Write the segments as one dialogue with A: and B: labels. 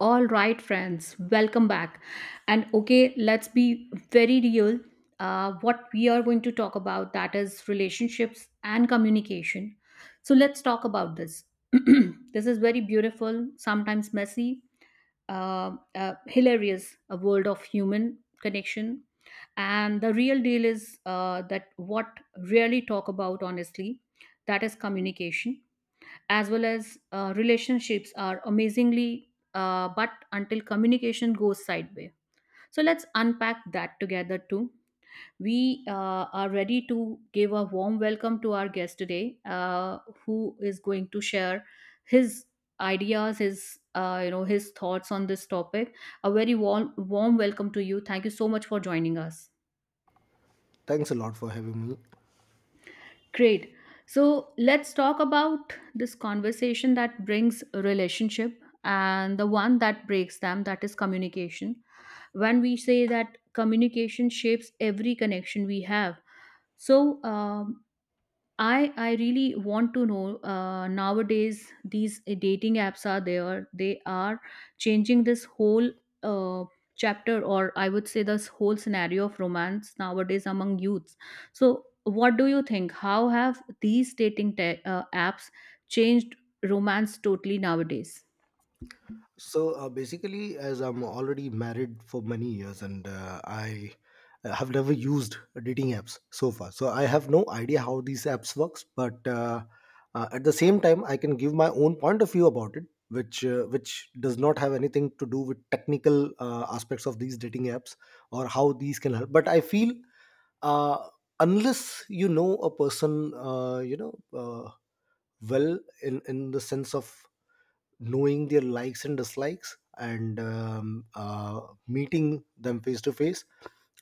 A: All right, friends, welcome back. Let's be very real. What we are going to talk about that is relationships and communication. So let's talk about this. This is very beautiful, sometimes messy, hilarious, a world of human connection. And the real deal is that what really talk about honestly, that is communication as well as relationships are amazingly but until communication goes sideways. So let's unpack that together too. We are ready to give a warm welcome to our guest today, who is going to share his ideas, his his thoughts on this topic. A very warm welcome to you. Thank you so much for joining us.
B: Thanks a lot for having me.
A: Great. So let's talk about this conversation that brings a relationship and the one that breaks them, that is communication. When we say that communication shapes every connection we have. So I really want to know, nowadays these dating apps are there. They are changing this whole uh, chapter, or I would say this whole scenario of romance nowadays among youths. So, what do you think? How have these apps changed romance totally nowadays?
B: So basically, as I'm already married for many years and I have never used dating apps so far, so I have no idea how these apps works. But at the same time, I can give my own point of view about it, which does not have anything to do with technical aspects of these dating apps or how these can help. But I feel uh, unless you know a person, uh, well in the sense of knowing their likes and dislikes and meeting them face to face,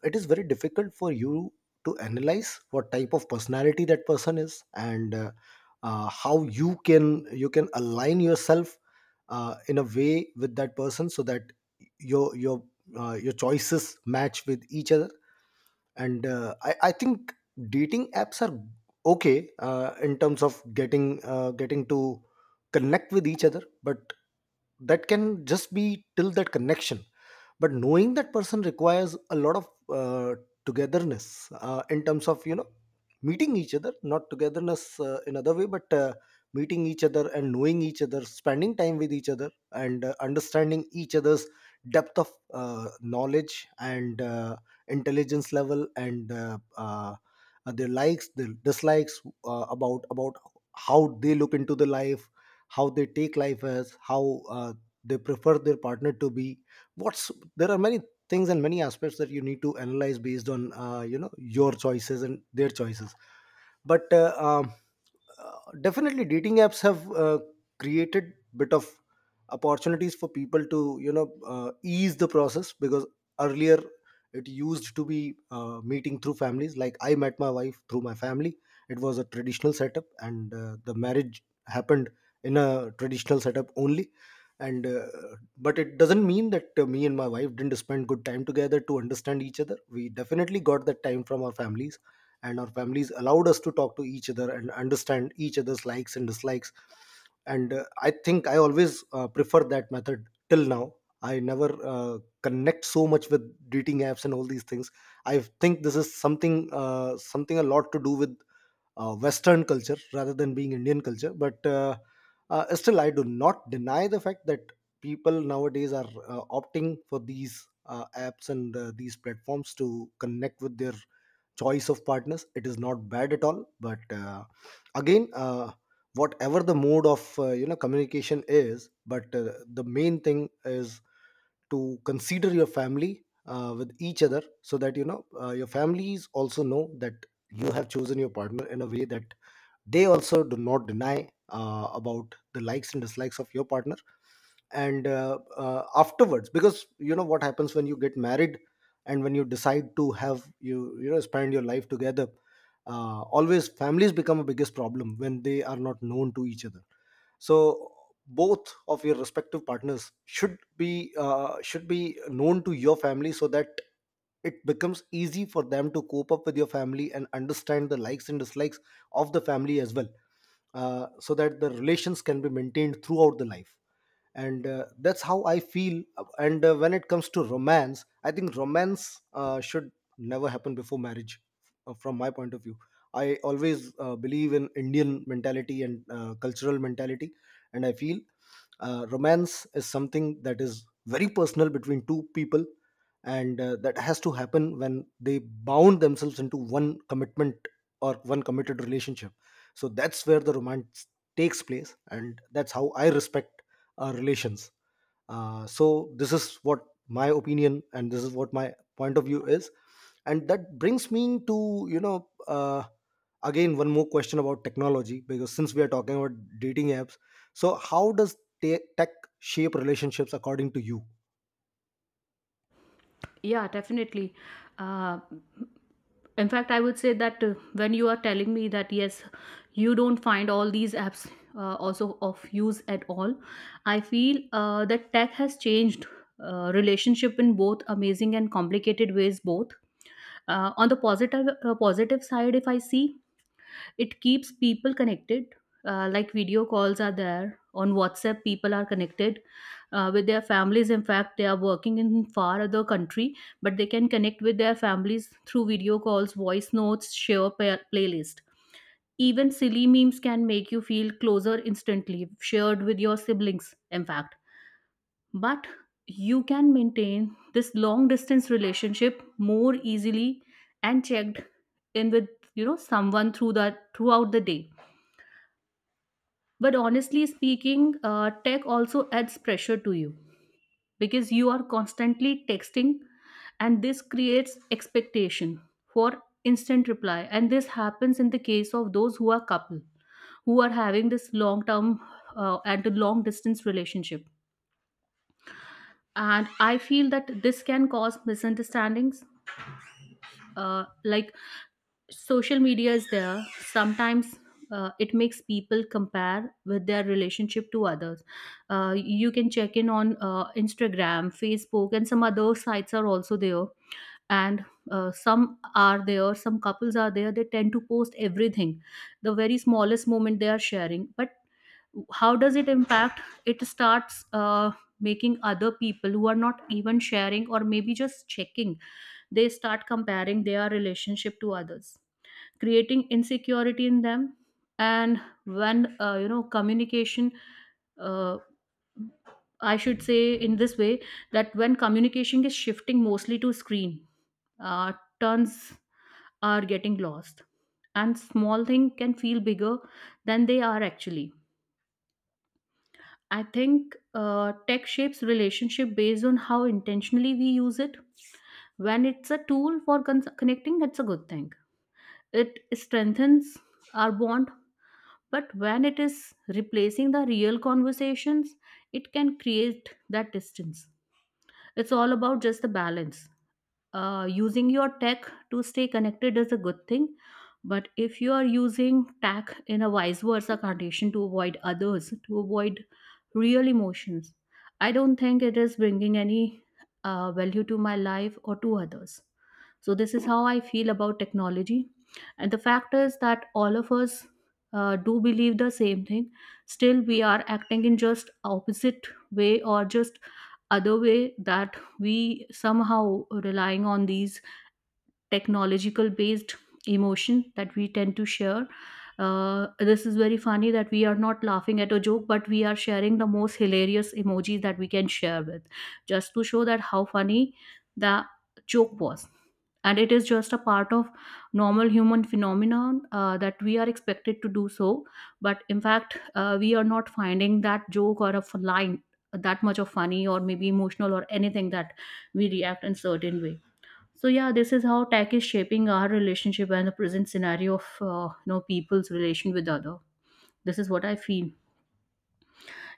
B: it is very difficult for you to analyze what type of personality that person is and how you can align yourself in a way with that person so that your your choices match with each other, and I think dating apps are okay in terms of getting to connect with each other, but that can just be till that connection. But knowing that person requires a lot of uh, togetherness, in terms of you know meeting each other, not togetherness in other way, but meeting each other and knowing each other, spending time with each other and understanding each other's depth of knowledge and intelligence level and their likes, their dislikes, about how they look into the life, how they take life as, how they prefer their partner to be, what's— there are many things and many aspects that you need to analyze based on you know your choices and their choices. But definitely dating apps have created bit of opportunities for people to ease the process, because earlier it used to be meeting through families. Like, I met my wife through my family. It was a traditional setup and the marriage happened in a traditional setup only. And But it doesn't mean that me and my wife didn't spend good time together to understand each other. We definitely got that time from our families, and our families allowed us to talk to each other and understand each other's likes and dislikes. And I think I always prefer that method till now. I never connect so much with dating apps and all these things. I think this is something— something a lot to do with Western culture rather than being Indian culture. But Still, I do not deny the fact that people nowadays are opting for these apps and these platforms to connect with their choice of partners. It is not bad at all, but again. Whatever the mode of you know communication is, but the main thing is to consider your family with each other, so that you know your families also know that you have chosen your partner in a way that they also do not deny about the likes and dislikes of your partner. And Afterwards, because you know what happens when you get married and when you decide to have you you know spend your life together, always families become a biggest problem when they are not known to each other. So both of your respective partners should be known to your family, so that it becomes easy for them to cope up with your family and understand the likes and dislikes of the family as well, so that the relations can be maintained throughout the life. And That's how I feel. And When it comes to romance, I think romance should never happen before marriage, from my point of view. I always believe in Indian mentality and cultural mentality, and I feel romance is something that is very personal between two people, and that has to happen when they bound themselves into one commitment or one committed relationship. So that's where the romance takes place, and that's how I respect our relations. So this is what my opinion and this is what my point of view is. And that brings me to again, one more question about technology. Because since we are talking about dating apps, so how does tech shape relationships, according to you?
A: Yeah, definitely. Uh, in fact, I would say that when you are telling me that yes, you don't find all these apps also of use at all, I feel that tech has changed relationship in both amazing and complicated ways. Both on the positive side, if I see it keeps people connected, like video calls are there. On WhatsApp, people are connected with their families. In fact, they are working in far other country, but they can connect with their families through video calls, voice notes, playlist. Even silly memes can make you feel closer instantly, shared with your siblings, in fact. But you can maintain this long distance relationship more easily and checked in with someone through that throughout the day. But honestly speaking, tech also adds pressure to you because you are constantly texting, and this creates expectation for instant reply. And this happens in the case of those who are couple, who are having this long term and a long distance relationship. And I feel that this can cause misunderstandings. Like social media is there. Sometimes it makes people compare with their relationship to others. You can check in on Instagram, Facebook, and some other sites are also there. And some couples are there, they tend to post everything, the very smallest moment they are sharing. But how does it impact? It starts making other people who are not even sharing or maybe just checking, they start comparing their relationship to others, creating insecurity in them. And when communication, uh, I should say in this way, that when communication is shifting mostly to screen, uh, turns are getting lost and small thing can feel bigger than they are actually. I think tech shapes relationship based on how intentionally we use it. When it's a tool for connecting, it's a good thing. It strengthens our bond. But when it is replacing the real conversations, it can create that distance. It's all about just the balance. Uh, using your tech to stay connected is a good thing, but if you are using tech in a vice versa condition to avoid others, to avoid real emotions, I don't think it is bringing any value to my life or to others. So this is how I feel about technology. And the fact is that all of us do believe the same thing, still we are acting in just opposite way or just other way, that we somehow relying on these technological based emotion that we tend to share. This is very funny that we are not laughing at a joke, but we are sharing the most hilarious emojis that we can share with, just to show that how funny the joke was. And it is just a part of normal human phenomenon, that we are expected to do so, but in fact, we are not finding that joke or a line that much of funny or maybe emotional or anything that we react in certain way. So yeah, this is how tech is shaping our relationship and the present scenario of people's relation with other. This is what I feel.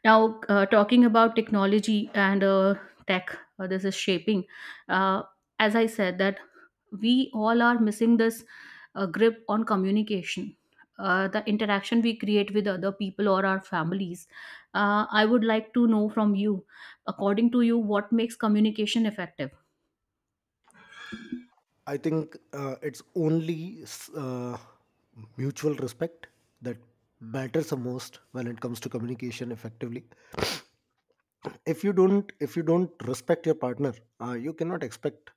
A: Now, talking about technology and tech, this is shaping. Uh, as I said, that we all are missing this grip on communication, the interaction we create with other people or our families. I would like to know from you, according to you, what makes communication effective?
B: I think it's only mutual respect that matters the most when it comes to communication effectively. If you don't respect your partner, you cannot expect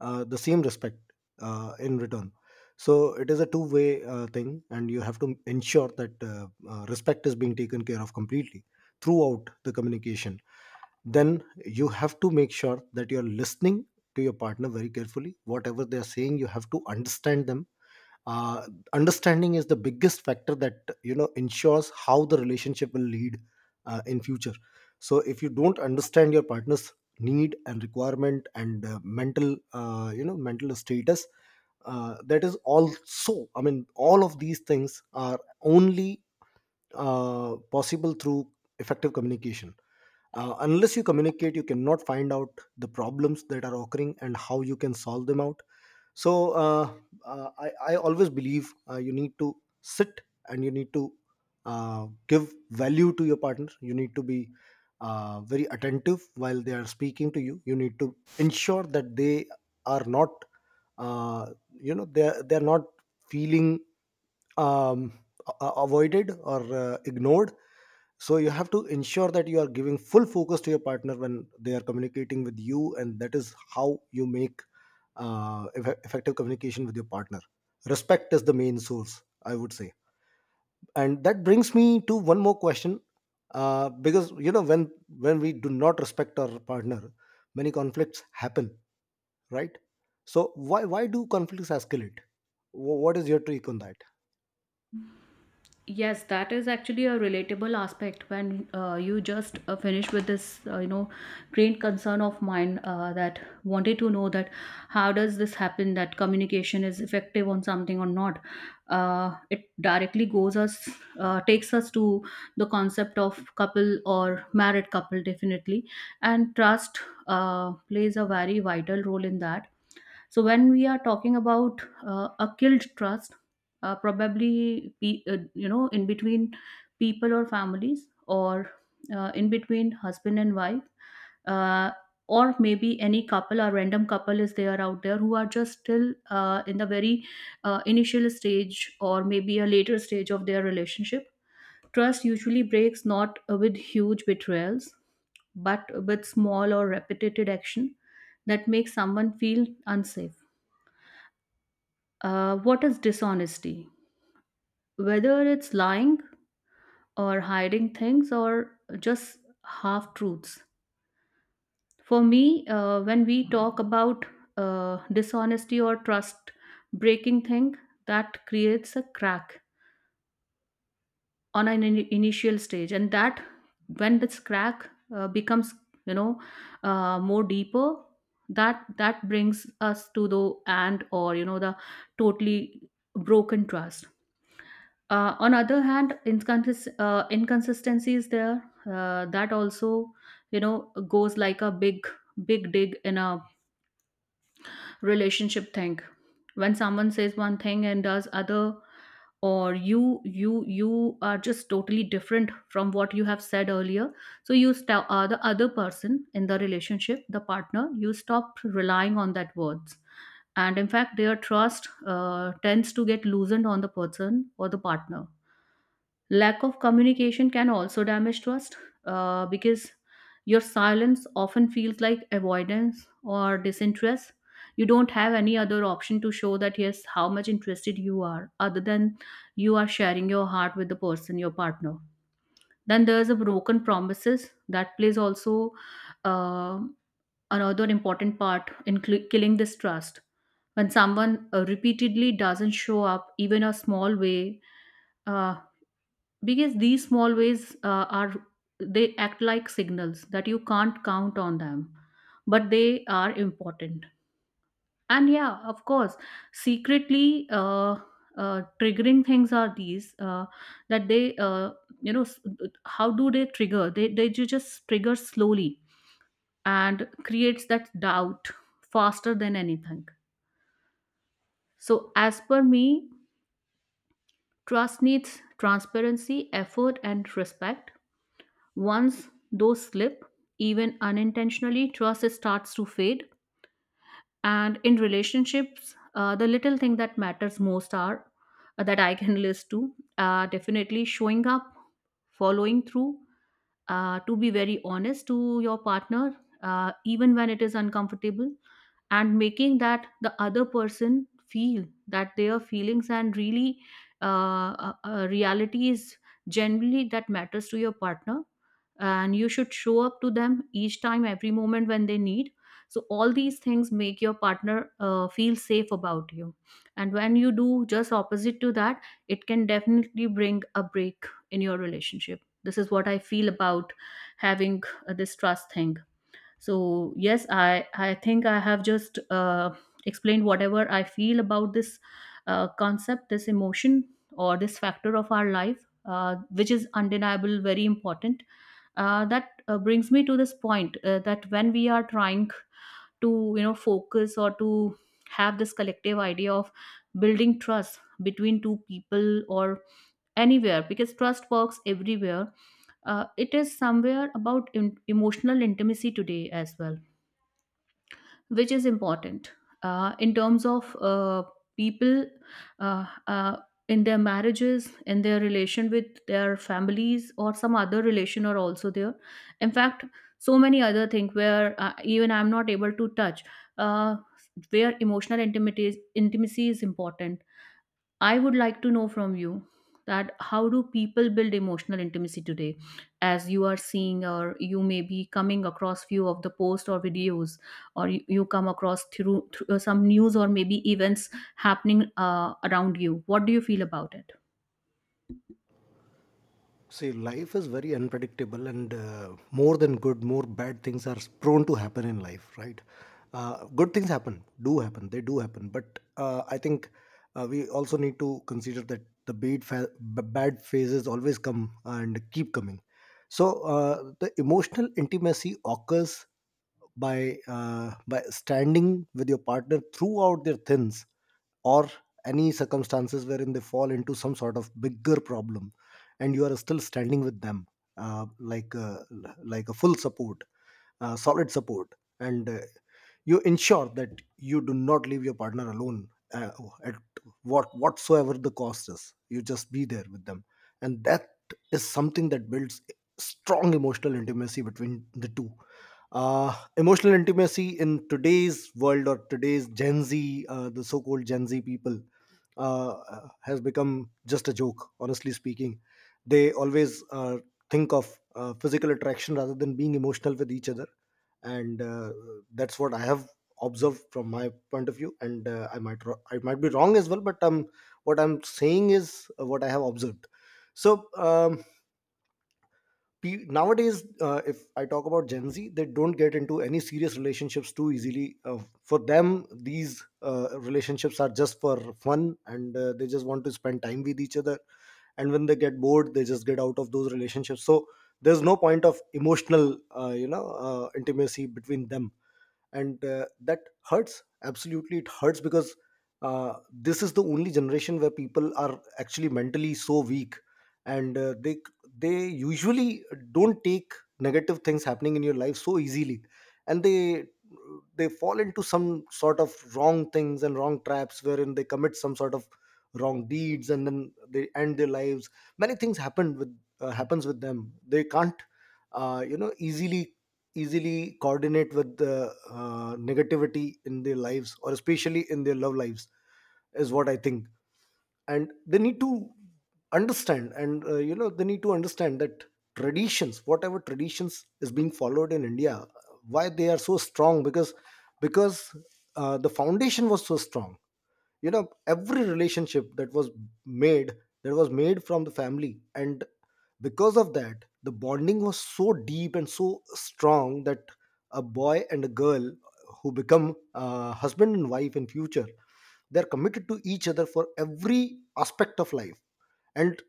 B: the same respect in return. So it is a two way thing, and you have to ensure that respect is being taken care of completely throughout the communication. Then you have to make sure that you're listening to your partner very carefully, whatever they are saying. You have to understand them. uh, Understanding is the biggest factor that you know ensures how the relationship will lead in future. So if you don't understand your partner's need and requirement and mental mental status, that is also— I mean, all of these things are only possible through effective communication. Unless you communicate, you cannot find out the problems that are occurring and how you can solve them out. So I always believe you need to sit and you need to give value to your partner. You need to be very attentive while they are speaking to you. You need to ensure that they are not uh, you know, they are not feeling um, avoided or ignored. So you have to ensure that you are giving full focus to your partner when they are communicating with you, and that is how you make effective communication with your partner. Respect is the main source, I would say. And that brings me to one more question, because you know, when we do not respect our partner, many conflicts happen, right? So why do conflicts escalate? What is your take on that?
A: Yes, that is actually a relatable aspect when you just finish with this, great concern of mine that wanted to know that how does this happen that communication is effective on something or not. It directly goes us, takes us to the concept of couple or married couple definitely, and trust plays a very vital role in that. So when we are talking about a killed trust, uh, probably in between people or families, or in between husband and wife, uh, or maybe any couple or random couple is there out there, who are just still in the very initial stage or maybe a later stage of their relationship. Trust usually breaks not with huge betrayals, but with small or repetitive action that makes someone feel unsafe. What is dishonesty? Whether it's lying or hiding things or just half truths. For me, when we talk about dishonesty or trust breaking thing, that creates a crack on an initial stage, and that when this crack becomes, you know, more deeper, that brings us to the, and or you know the totally broken trust. Uh, on other hand, inconsistencies there, that also you know goes like a big dig in a relationship thing. When someone says one thing and does other, or you are just totally different from what you have said earlier, so you stop the other person in the relationship, the partner, you stop relying on that words, and in fact, their trust tends to get loosened on the person or the partner. Lack of communication can also damage trust, because your silence often feels like avoidance or disinterest. You don't have any other option to show that, yes, how much interested you are, other than you are sharing your heart with the person, your partner. Then there's a broken promises that plays also, um, another important part in killing this trust. When someone repeatedly doesn't show up, even a small way, uh, because these small ways are, they act like signals that you can't count on them, but they are important. And yeah, of course, secretly, triggering things are these, that they you know s- how do they trigger? They just trigger slowly and creates that doubt faster than anything. So as per me, trust needs transparency, effort and respect. Once those slip, even unintentionally, trust starts to fade. And in relationships, the little thing that matters most are that I can list to, definitely showing up, following through, to be very honest to your partner, even when it is uncomfortable, and making that the other person feel that their feelings and really uh, reality is generally that matters to your partner. And you should show up to them each time, every moment when they need. So, all these things make your partner feel safe about you. And when you do just opposite to that, it can definitely bring a break in your relationship. This is what I feel about having this trust thing. So yes, I think I have just explained whatever I feel about this concept, this emotion, or this factor of our life, which is undeniable very important. Uh, that brings me to this point that when we are trying to focus or to have this collective idea of building trust between two people or anywhere, because trust works everywhere. Uh, it is somewhere about emotional intimacy today as well, which is important in terms of people uh, uh, in their marriages, in their relation with their families, or some other relation are also there. In fact, so many other things where even I'm not able to touch uh, where emotional intimacy is important. I would like to know from you that how do people build emotional intimacy today, as you are seeing, or you may be coming across few of the posts or videos, or you come across through some news or maybe events happening around you. What do you feel about it?
B: See, life is very unpredictable, and more than good, more bad things are prone to happen in life, right? Good things happen, do happen, they do happen, but I think we also need to consider that the bad phases always come and keep coming. So the emotional intimacy occurs by standing with your partner throughout their thins, or any circumstances wherein they fall into some sort of bigger problem and you are still standing with them, uh, like uh, like a full support, solid support, and you ensure that you do not leave your partner alone, uh, at whatsoever the cost is. You just be there with them, and that is something that builds strong emotional intimacy between the two. Emotional intimacy in today's world or today's Gen Z, the so-called Gen Z people, uh, has become just a joke. Honestly speaking, they always think of physical attraction rather than being emotional with each other, and that's what I have observed from my point of view. And I might I might be wrong as well, but what I'm saying is what I have observed. So nowadays, if I talk about Gen Z, they don't get into any serious relationships too easily. For them, these relationships are just for fun, and they just want to spend time with each other. And when they get bored, they just get out of those relationships. So there's no point of emotional, intimacy between them, and that hurts. Absolutely it hurts, because this is the only generation where people are actually mentally so weak, and they usually don't take negative things happening in your life so easily, and they fall into some sort of wrong things and wrong traps, wherein they commit some sort of wrong deeds and then they end their lives. Many things happen with happens with them. They can't easily easily coordinate with the negativity in their lives, or especially in their love lives, is what I think. And they need to understand, and they need to understand that traditions, whatever traditions is being followed in India, why they are so strong? Because the foundation was so strong. You know, every relationship that was made, that was made from the family, and because of that the bonding was so deep and so strong that a boy and a girl who become husband and wife in future, they're committed to each other for every aspect of life. And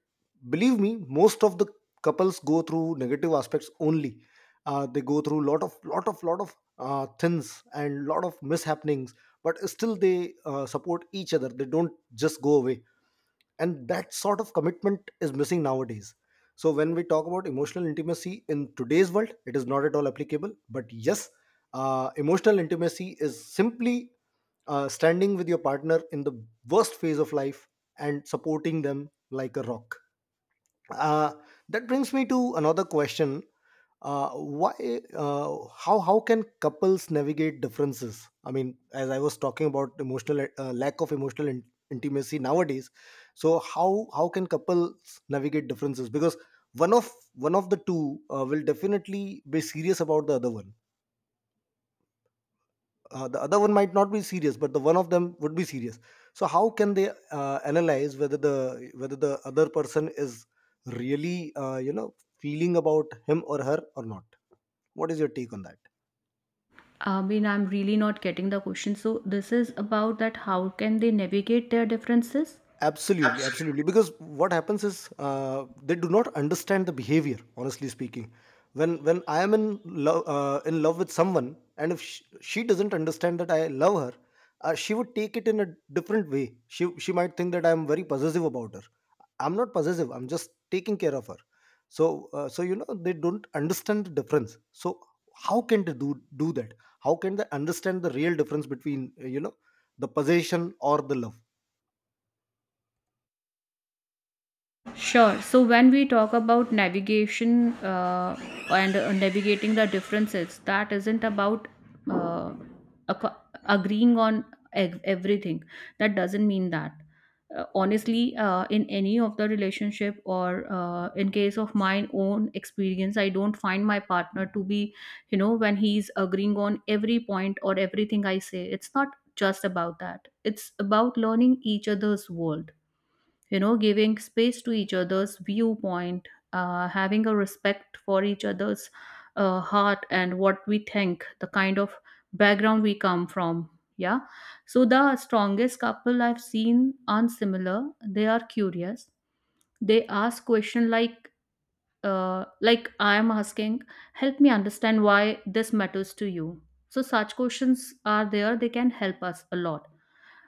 B: believe me, most of the couples go through negative aspects only. They go through lot of thins and lot of mishappenings, but still they support each other, they don't just go away. And that sort of commitment is missing nowadays. So when we talk about emotional intimacy in today's world, it is not at all applicable. But yes, emotional intimacy is simply standing with your partner in the worst phase of life and supporting them like a rock. Uh, that brings me to another question. Why? How can couples navigate differences? I mean, as I was talking about emotional lack of emotional intimacy nowadays, so how can couples navigate differences? Because one of the two will definitely be serious about the other one. The other one might not be serious, but the one of them would be serious. So how can they analyze whether the other person is really feeling about him or her or not? What is your take on that?
A: I mean, I'm really not getting the question. So, this is about that how can they navigate their differences?
B: Absolutely, absolutely, because what happens is, they do not understand the behavior, honestly speaking. When I am in love with someone, and if she doesn't understand that I love her, she would take it in a different way. She might think that I am very possessive about her. I'm not possessive, I'm just taking care of her. So you know, they don't understand the difference. So how can they do that? How can they understand the real difference between the possession or the love?
A: Sure. So when we talk about navigation and navigating the differences, that isn't about uh, ac- agreeing on everything. That doesn't mean that. Honestly, in any of the relationship or in case of my own experience, I don't find my partner to be, you know, when he's agreeing on every point or everything I say. It's not just about that. It's about learning each other's world, you know, giving space to each other's viewpoint, having a respect for each other's heart, and what we think, the kind of background we come from. Yeah, so the strongest couple I've seen aren't similar, they are curious. They ask questions like, like I am asking, help me understand why this matters to you. So such questions are there, they can help us a lot.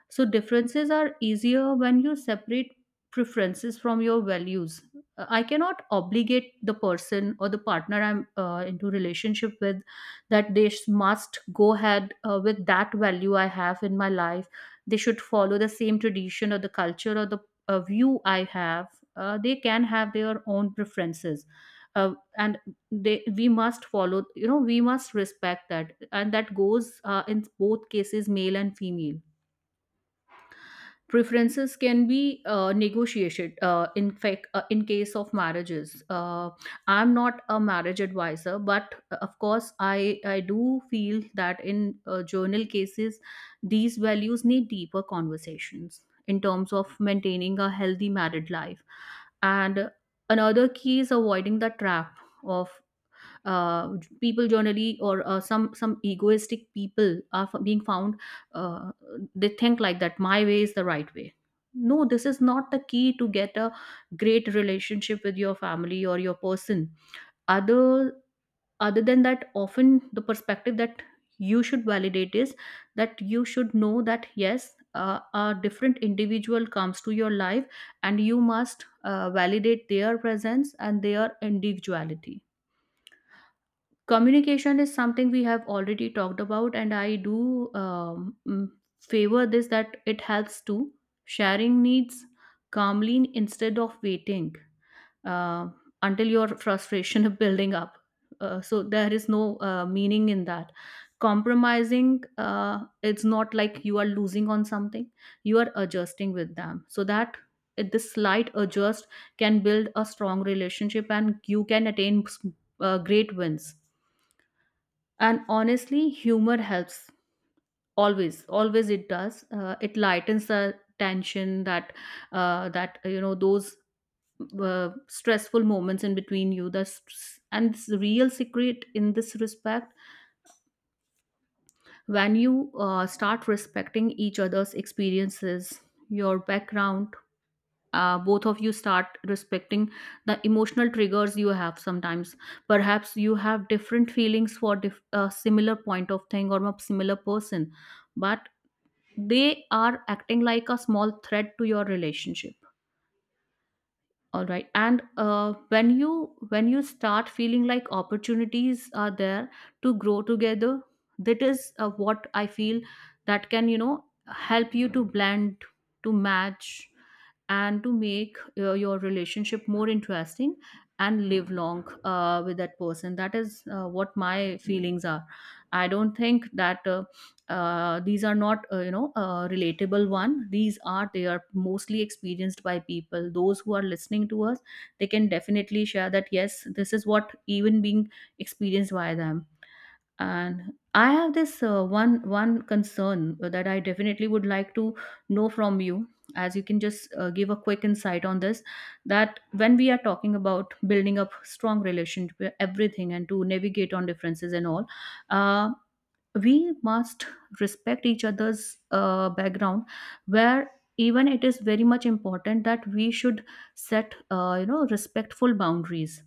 A: So differences are easier when you separate preferences from your values. I cannot obligate the person or the partner I'm into relationship with, that they must go ahead with that value I have in my life. They should follow the same tradition or the culture or the view I have. They can have their own preferences. And they we must follow, you know, we must respect that, and that goes in both cases, male and female. Preferences can be negotiated. Uh, in fact, in case of marriages, I'm not a marriage advisor, but of course I do feel that in journal cases these values need deeper conversations in terms of maintaining a healthy married life. And another key is avoiding the trap of people generally, or some egoistic people are being found. Uh, they think like that my way is the right way. No, this is not the key to get a great relationship with your family or your person. other Other than that, often the perspective that you should validate is that you should know that yes, a different individual comes to your life and you must validate their presence and their individuality. Communication is something we have already talked about, and I do favor this, that it helps to sharing needs calmly, instead of waiting uh, until your frustration is building up. Uh, so there is no meaning in that. Compromising, uh, it's not like you are losing on something, you are adjusting with them so that this slight adjust can build a strong relationship and you can attain great wins. And honestly, humor helps. Always, always it does. It lightens the tension that, that, you know, those stressful moments in between you, and it's the real secret in this respect. When you start respecting each other's experiences, your background, both of you start respecting the emotional triggers you have sometimes. Perhaps you have different feelings for a similar point of thing or a similar person, but they are acting like a small threat to your relationship. All right, and when you, start feeling like opportunities are there to grow together, that is what I feel that can, you know, help you to blend, to match, and to make your relationship more interesting and live long with that person. That is what my feelings are. I don't think that these are not, relatable one. These are, they are mostly experienced by people those who are listening to us. They can definitely share that yes, this is what even being experienced by them. And I have this one concern that I definitely would like to know from you, as you can just give a quick insight on this. That when we are talking about building up strong relationship, everything, and to navigate on differences and all, uh, we must respect each other's background, where even it is very much important that we should set, respectful boundaries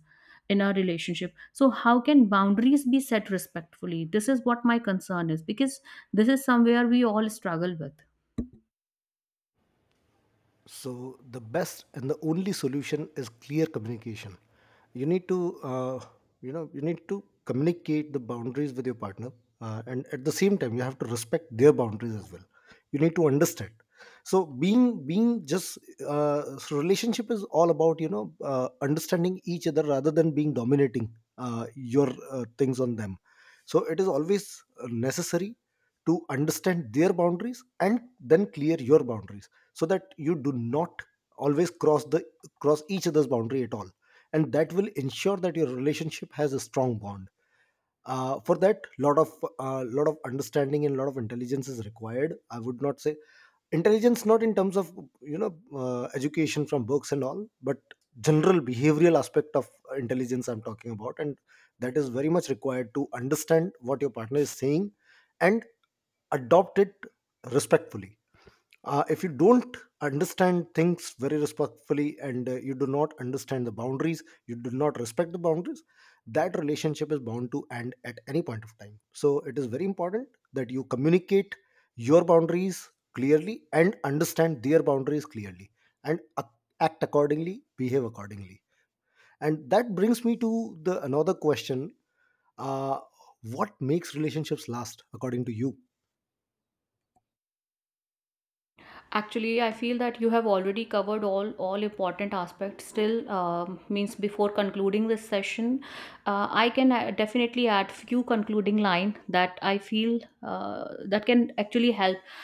A: in our relationship. So how can boundaries be set respectfully? This is what my concern is, because this is somewhere we all struggle with.
B: So the best and the only solution is clear communication. You need to, you need to communicate the boundaries with your partner, and at the same time, you have to respect their boundaries as well. You need to understand. So, being just so, relationship is all about, you know, understanding each other, rather than being dominating your things on them. So it is always necessary to understand their boundaries and then clear your boundaries, so that you do not always cross the cross each other's boundary at all. And that will ensure that your relationship has a strong bond. For that, lot of understanding and lot of intelligence is required. I would not say intelligence, not in terms of, you know, education from books and all, but general behavioral aspect of intelligence I'm talking about. And that is very much required to understand what your partner is saying, and adopt it respectfully. If you don't understand things very respectfully, and you do not understand the boundaries, you do not respect the boundaries, that relationship is bound to end at any point of time. So it is very important that you communicate your boundaries clearly and understand their boundaries clearly, and act accordingly, behave accordingly. And that brings me to the another question. uh, what makes relationships last according to you?
A: Actually, I feel that you have already covered all important aspects. Still, means before concluding this session, I can definitely add few concluding line that I feel that can actually help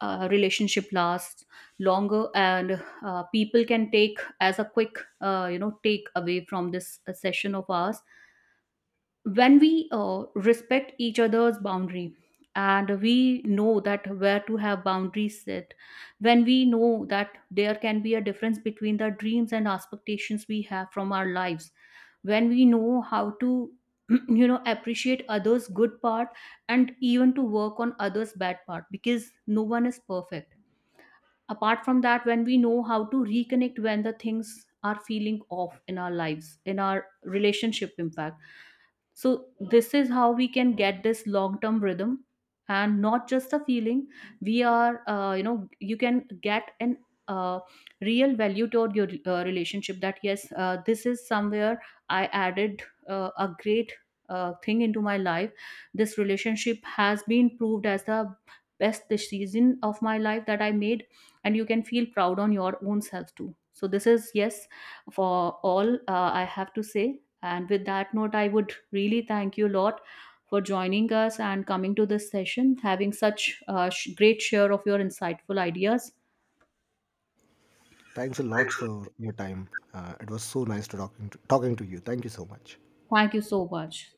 A: relationship last longer, and people can take as a quick, take away from this session of ours. When we respect each other's boundary, and we know that where to have boundaries set, when we know that there can be a difference between the dreams and expectations we have from our lives, when we know how to you know appreciate others good part, and even to work on others bad part, because no one is perfect. Apart from that, when we know how to reconnect when the things are feeling off in our lives, in our relationship impact. So this is how we can get this long term rhythm, and not just a feeling. We are, you can get an uh, real value toward your relationship, that yes, this is somewhere I added a great thing into my life. This relationship has been proved as the best decision of my life that I made, and you can feel proud on your own self too. So this is, yes, for all, I have to say. And with that note, I would really thank you a lot for joining us and coming to this session, having such a great share of your insightful ideas.
B: Thanks a lot
A: Thanks.
B: for your time. It was so nice to talking to you. Thank you so much.
A: Thank you so much.